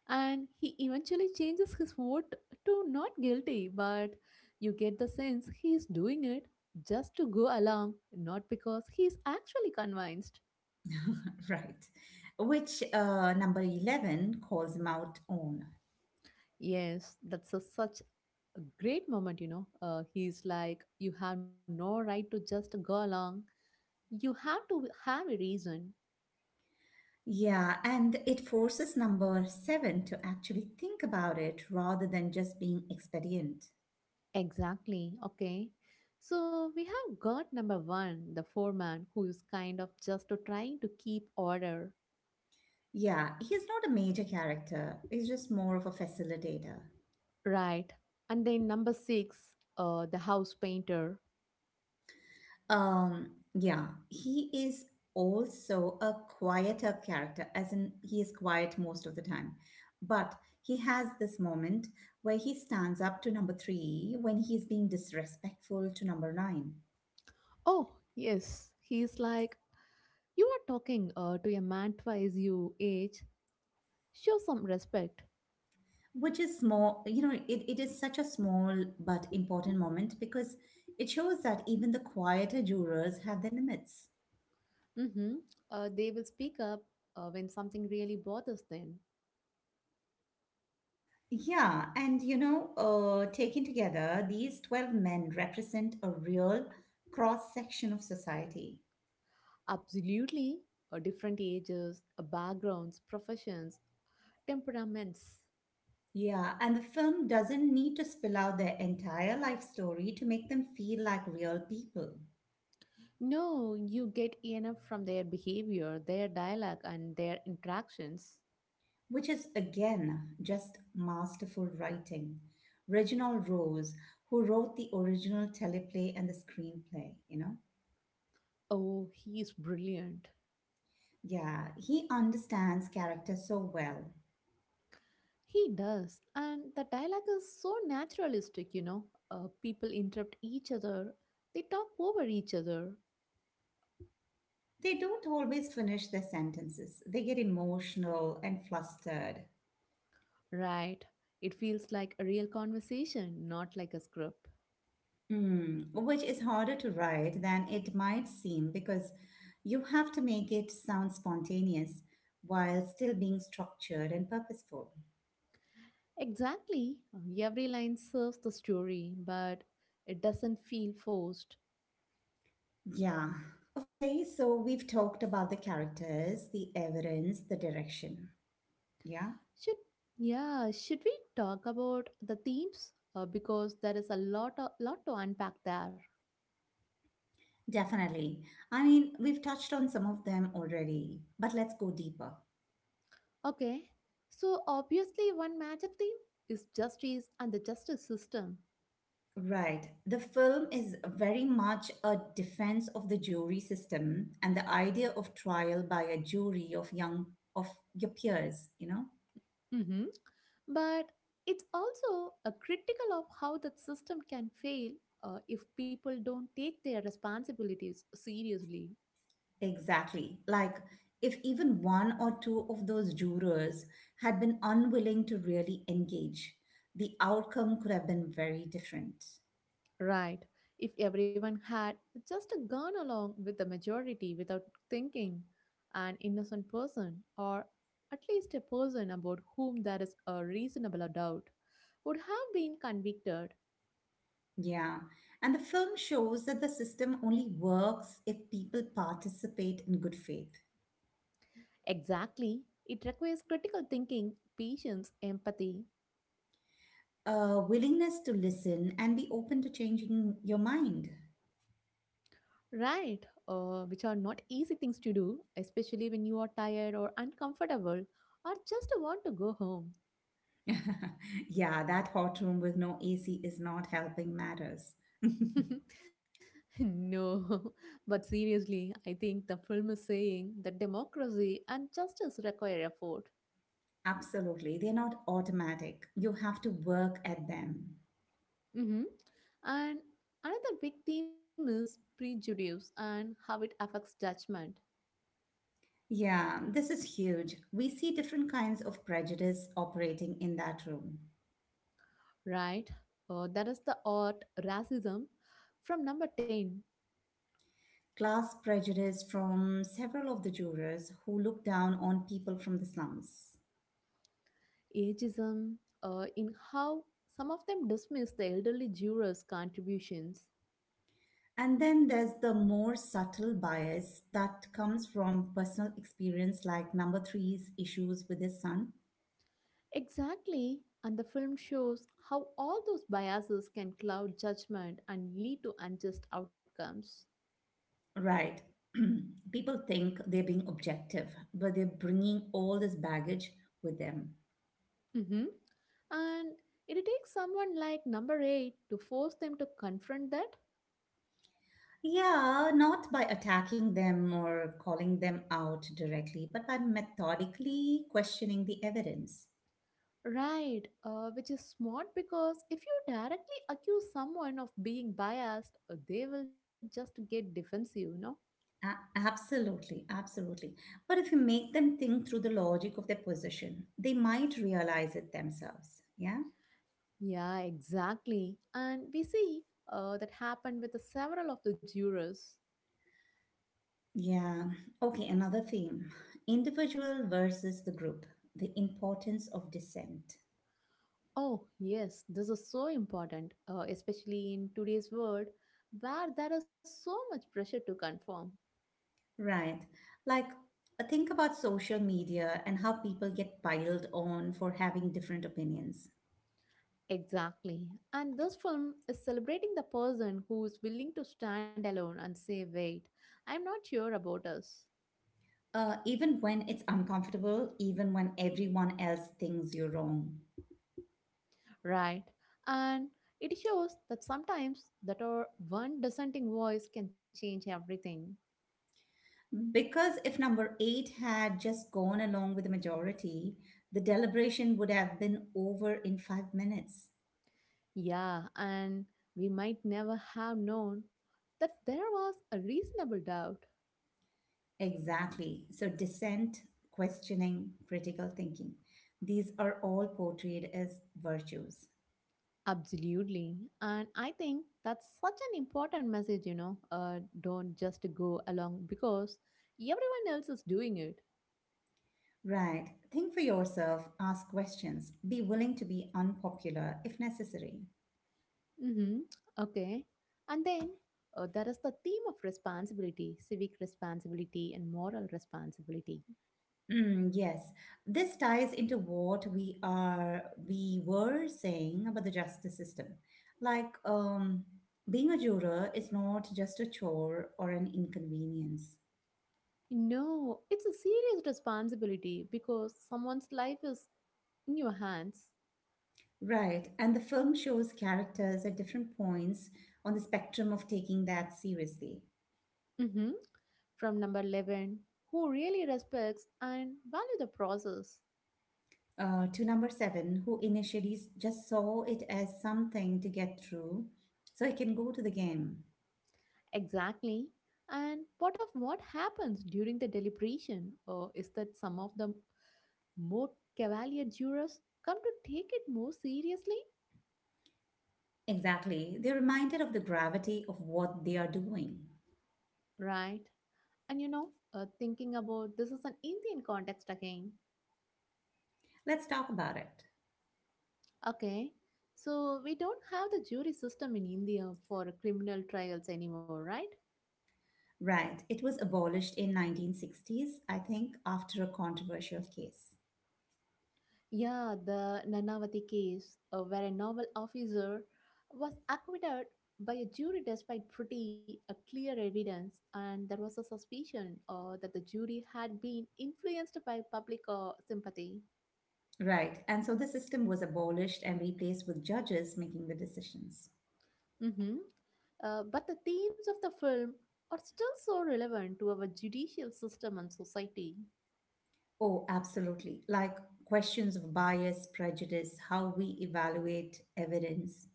And he eventually changes his vote to not guilty, but you get the sense he is doing it just to go along, not because he is actually convinced.
Right, which uh number eleven calls him out on.
Yes, that's a, such a great moment, you know. Uh, he's like, "You have no right to just go along, you have to have a reason."
Yeah, and it forces number seven to actually think about it rather than just being expedient.
Exactly. Okay. So we have got number one, the foreman, who is kind of just trying to keep order.
Yeah, he's not a major character. He's just more of a facilitator.
Right. And then number six, uh, the house painter.
Um, yeah, he is also a quieter character, as in he is quiet most of the time. But he has this moment where he stands up to number three when he's being disrespectful to number nine,
Oh, yes. He's like, "You are talking uh, to a man twice your age. Show some respect."
which is small, you know, it, it is such a small but important moment because it shows that even the quieter jurors have their limits.
Mm-hmm. Uh, they will speak up uh, when something really bothers them.
Yeah, and you know, uh, taken together, these twelve men represent a real cross section of society.
Absolutely. Uh, different ages, uh, backgrounds, professions, temperaments.
Yeah, and the film doesn't need to spill out their entire life story to make them feel like real people,
No, you get enough from their behavior, their dialogue, and their interactions.
which is again just masterful writing. Reginald Rose, who wrote the original teleplay and the screenplay, you know?
Oh, he is brilliant.
Yeah, he understands character so well.
He does. And the dialogue is so naturalistic, you know. Uh, people interrupt each other, they talk over each other,
They don't always finish their sentences. They get emotional and flustered,
right? It feels like a real conversation, not like a script.
mm, which is harder to write than it might seem because you have to make it sound spontaneous while still being structured and purposeful.
Exactly. Every line serves the story, but it doesn't feel forced.
Yeah. Okay, so we've talked about the characters, the evidence, the direction. Yeah,
Should Yeah, should we talk about the themes? Uh, because there is a lot, a lot to unpack there.
definitely. I mean, we've touched on some of them already, but let's go deeper.
Okay, so obviously, one major theme is justice and the justice system.
Right. The film is very much a defense of the jury system and the idea of trial by a jury of young of your peers, you know?
Hmm. But it's also a critical of how that system can fail uh, if people don't take their responsibilities seriously.
Exactly. Like if even one or two of those jurors had been unwilling to really engage, the outcome could have been very different.
Right. If everyone had just gone along with the majority without thinking, an innocent person, or at least a person about whom there is a reasonable doubt, would have been convicted.
Yeah. And the film shows that the system only works if people participate in good faith,
Exactly. It requires critical thinking, patience, empathy,
a willingness to listen and be open to changing your mind.
right? Uh, which are not easy things to do, especially when you are tired or uncomfortable or just want to go home.
Yeah, that hot room with no A C is not helping matters.
No, but seriously, I think the film is saying that democracy and justice require effort.
Absolutely. They're not automatic. You have to work at them.
Hmm. And another big theme is prejudice and how it affects judgment,
Yeah, this is huge. We see different kinds of prejudice operating in that room.
right? Uh, that is the art racism from number ten,
Class prejudice from several of the jurors who look down on people from the slums.
ageism, uh, in how some of them dismiss the elderly jurors' contributions.
And then there's the more subtle bias that comes from personal experience, like number three's issues with his son.
Exactly, and the film shows how all those biases can cloud judgment and lead to unjust outcomes.
Right. People think they're being objective, but they're bringing all this baggage with them.
Mhm. And it takes someone like number eight to force them to confront that.
Yeah, not by attacking them or calling them out directly, but by methodically questioning the evidence.
Right, uh, which is smart because if you directly accuse someone of being biased, uh, they will just get defensive, you know?
A- Absolutely, absolutely. But if you make them think through the logic of their position, they might realize it themselves. Yeah?
Yeah, exactly. And we see uh, that happened with several of the jurors.
Yeah. Okay, another theme, individual versus the group, the importance of dissent.
Oh, yes, this is so important, uh, especially in today's world where there is so much pressure to conform.
Right. Like, uh, think about social media and how people get piled on for having different opinions.
Exactly. And this film is celebrating the person who is willing to stand alone and say, wait, I'm not sure about us.
Uh, even when it's uncomfortable, even when everyone else thinks you're wrong.
Right. And it shows that sometimes that our one dissenting voice can change everything.
Because if number eight had just gone along with the majority, the deliberation would have been over in five minutes.
Yeah, and we might never have known that there was a reasonable doubt.
Exactly. So, dissent, questioning, critical thinking. These are all portrayed as virtues.
Absolutely. And I think that's such an important message, you know. Uh, don't just go along because everyone else is doing it.
Right. Think for yourself, ask questions, be willing to be unpopular if necessary.
Mm-hmm. Okay. And then uh, there is the theme of responsibility, civic responsibility, and moral responsibility.
Mm, yes, this ties into what we are we were saying about the justice system. Like, um, being a juror is not just a chore or an inconvenience.
No, it's a serious responsibility because someone's life is in your hands.
Right, and the film shows characters at different points on the spectrum of taking that seriously.
Hmm From number eleven, who really respects and value the process.
Uh, to number seven, who initially s- just saw it as something to get through so he can go to the game.
Exactly. And part of what happens during the deliberation uh, is that some of the more cavalier jurors come to take it more seriously,
Exactly. They're reminded of the gravity of what they are doing.
right? And you know, uh, thinking about this is an Indian context again.
Let's talk about it.
Okay, so we don't have the jury system in India for criminal trials anymore, right?
Right. It was abolished in nineteen sixties, I think, after a controversial case.
Yeah, the Nanavati case, uh, where a naval officer was acquitted by a jury despite pretty uh, clear evidence, and there was a suspicion uh, that the jury had been influenced by public uh, sympathy.
Right. And so the system was abolished and replaced with judges making the decisions.
Hmm Uh, but the themes of the film are still so relevant to our judicial system and society.
Oh, absolutely. Like questions of bias, prejudice, how we evaluate evidence.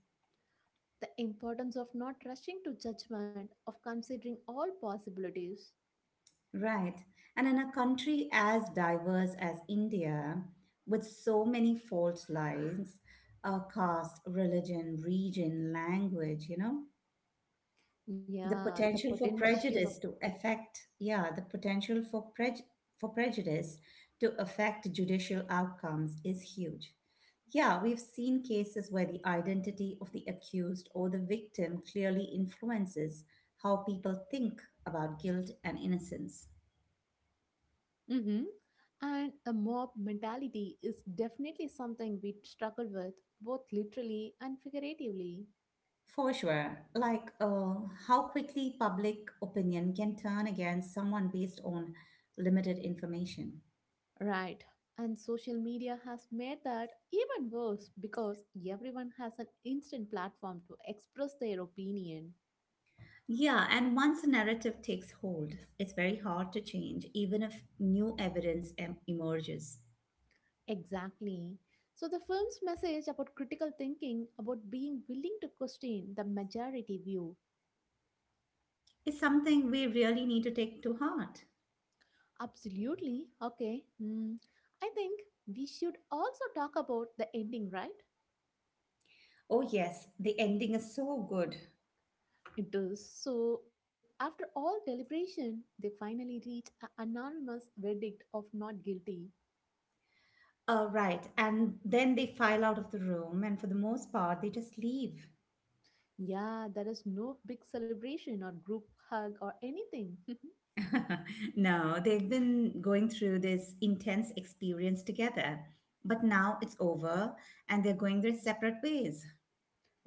The importance of not rushing to judgment, of considering all possibilities.
Right. And in a country as diverse as India, with so many fault lines, uh, caste, religion, region, language, you know, the
Yeah, the
potential for
potential of.
prejudice to affect, yeah, the potential for prej- for prejudice to affect judicial outcomes is huge. Yeah, we've seen cases where the identity of the accused or the victim clearly influences how people think about guilt and innocence.
Mhm. And a mob mentality is definitely something we struggle with, both literally and figuratively.
For sure. Like, uh, how quickly public opinion can turn against someone based on limited information.
Right. And social media has made that even worse because everyone has an instant platform to express their opinion.
Yeah, and once a narrative takes hold, it's very hard to change, even if new evidence em- emerges.
Exactly. So, the film's message about critical thinking, about being willing to question the majority view.
It's something we really need to take to heart.
Absolutely. Okay. Hmm. I think we should also talk about the ending, right?
Oh, yes, the ending is so good.
It is. So, after all deliberation, they finally reach an anonymous verdict of not guilty.
Uh, right, and then they file out of the room, and for the most part, they just leave.
Yeah, there is no big celebration or group hug or anything.
No, they've been going through this intense experience together, but now it's over, and they're going their separate ways.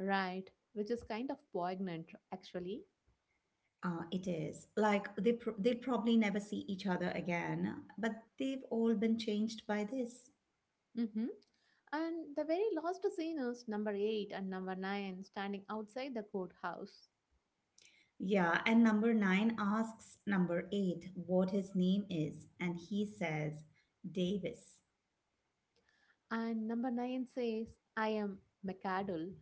Right, which is kind of poignant, actually.
Uh, it is like they pr- they'll probably never see each other again, but they've all been changed by this.
Hmm And the very last scene is number eight and number nine standing outside the courthouse.
Yeah, and number nine asks number eight what his name is, and he says Davis.
And number nine says, I am McAdle.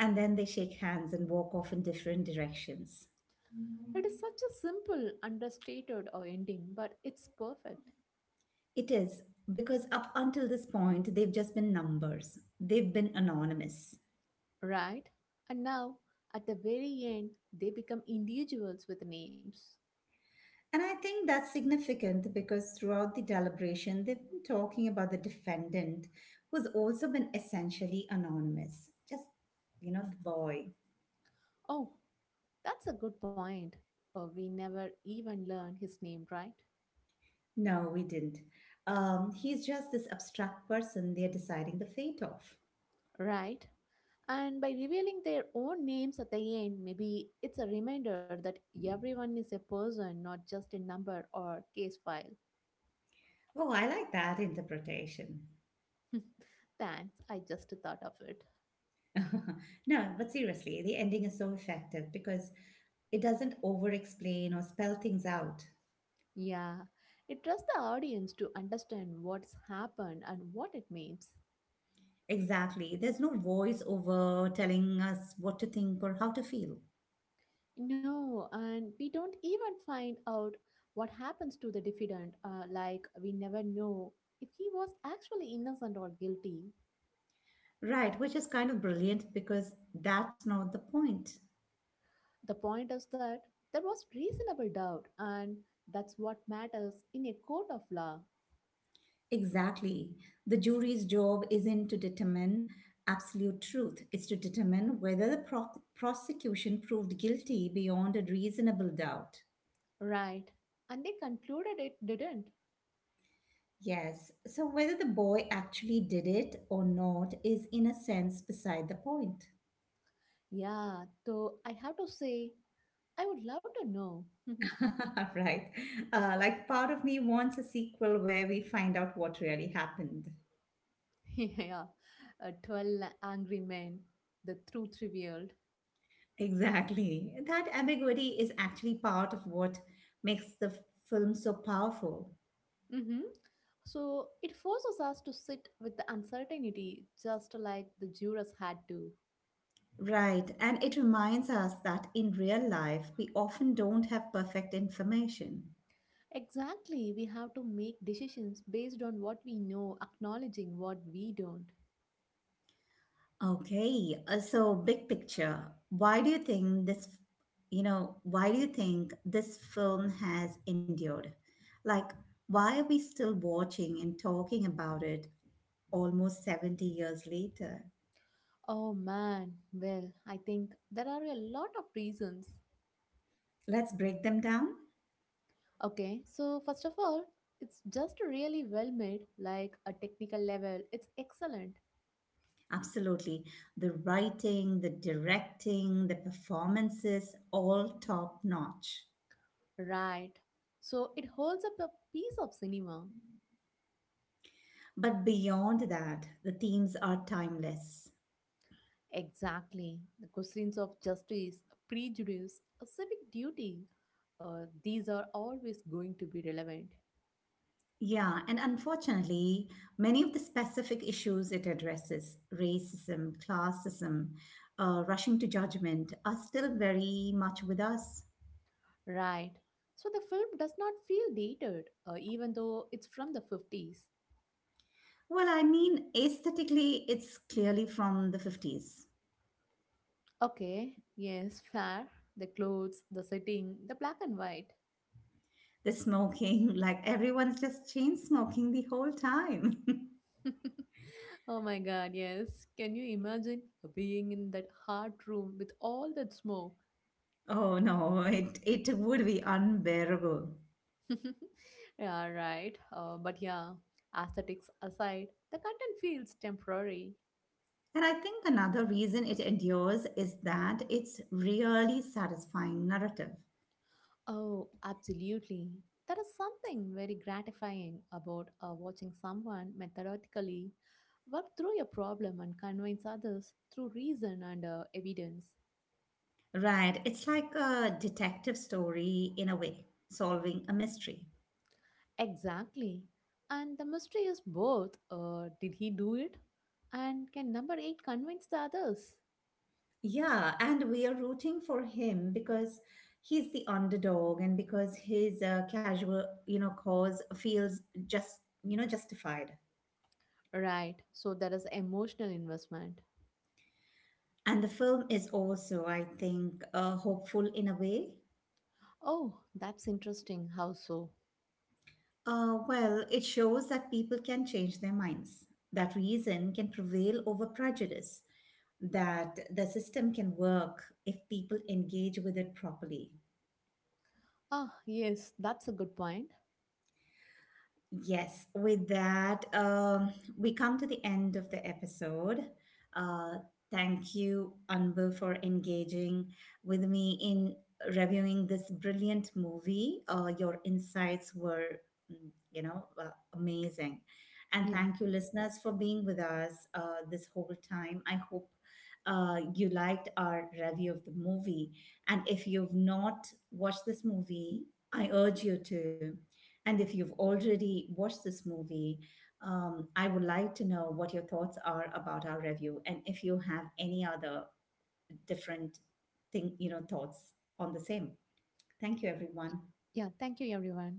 And then they shake hands and walk off in different directions.
It is such a simple, understated uh, ending, but it's perfect,
It is, because up until this point, they've just been numbers, they've been anonymous.
right? And now, at the very end, they become individuals with names.
And I think that's significant because throughout the deliberation, they've been talking about the defendant, who's also been essentially anonymous. Just, you know, the boy.
Oh, that's a good point. Uh, we never even learn his name, right?
No, we didn't. Um, he's just this abstract person they're deciding the fate of.
Right. And by revealing their own names at the end, maybe it's a reminder that everyone is a person, not just a number or case file.
Oh, I like that interpretation.
Thanks, I just thought of it.
No, but seriously, the ending is so effective because it doesn't over explain or spell things out.
Yeah, it trusts the audience to understand what's happened and what it means.
Exactly. There's no voice over telling us what to think or how to feel.
No, and we don't even find out what happens to the defendant, uh, like, we never know if he was actually innocent or guilty.
Right, which is kind of brilliant because that's not the point.
The point is that there was reasonable doubt, and that's what matters in a court of law,
Exactly. The jury's job isn't to determine absolute truth, it's to determine whether the pro- prosecution proved guilty beyond a reasonable doubt.
right? And they concluded it didn't.
Yes, so whether the boy actually did it or not is, in a sense, beside the point.
Yeah, though I have to say, I would love to know.
Right. Uh, like, part of me wants a sequel where we find out what really happened.
Yeah, uh, twelve angry men, the truth revealed.
Exactly. That ambiguity is actually part of what makes the f- film so powerful.
Hmm So it forces us to sit with the uncertainty just like the jurors had to.
Right. And it reminds us that in real life, we often don't have perfect information.
Exactly, we have to make decisions based on what we know, acknowledging what we don't.
Okay. uh, So, big picture, why do you think this, you know, why do you think this film has endured? Like, why are we still watching and talking about it almost seventy years later?
Oh man, well, I think there are a lot of reasons.
Let's break them down.
Okay, so first of all, it's just really well made, like a technical level, it's excellent.
Absolutely. The writing, the directing, the performances, all top notch.
Right. So it holds up a piece of cinema.
But beyond that, the themes are timeless.
Exactly. The questions of justice, prejudice, a civic duty, uh, these are always going to be relevant.
Yeah, and unfortunately, many of the specific issues it addresses, racism, classism, uh, rushing to judgment, are still very much with us.
Right. So the film does not feel dated, uh, even though it's from the fifties.
Well, I mean, aesthetically, it's clearly from the fifties.
Okay. Yes, fair. The clothes, the setting, the black and white.
The smoking, like everyone's just chain smoking the whole time.
Oh my god, yes. Can you imagine being in that hot room with all that smoke?
Oh no, it, it would be unbearable.
Yeah, right. Uh, but yeah, aesthetics aside, the content feels temporary.
And I think another reason it endures is that it's really satisfying narrative.
Oh, absolutely. There is something very gratifying about uh, watching someone methodically work through a problem and convince others through reason and uh, evidence.
Right, it's like a detective story in a way, solving a mystery.
Exactly. And the mystery is both uh, did he do it? And can number eight convince the others?
Yeah, and we are rooting for him because he's the underdog and because his uh, casual, you know, cause feels just, you know, justified.
Right. So there is emotional investment.
And the film is also, I think, uh, hopeful in a way.
Oh, that's interesting. How so?
Uh, well, it shows that people can change their minds, that reason can prevail over prejudice, that the system can work if people engage with it properly.
Ah, yes, that's a good point.
Yes, with that, um, we come to the end of the episode. Uh, thank you, Anbu, for engaging with me in reviewing this brilliant movie. Uh, your insights were, mm, you know, uh, amazing. And
Yeah.
thank you, listeners, for being with us uh, this whole time. I hope uh, you liked our review of the movie. And if you've not watched this movie, I urge you to. And if you've already watched this movie, um, I would like to know what your thoughts are about our review and if you have any other different thing, you know, thoughts on the same. Thank you, everyone.
Yeah, thank you, everyone.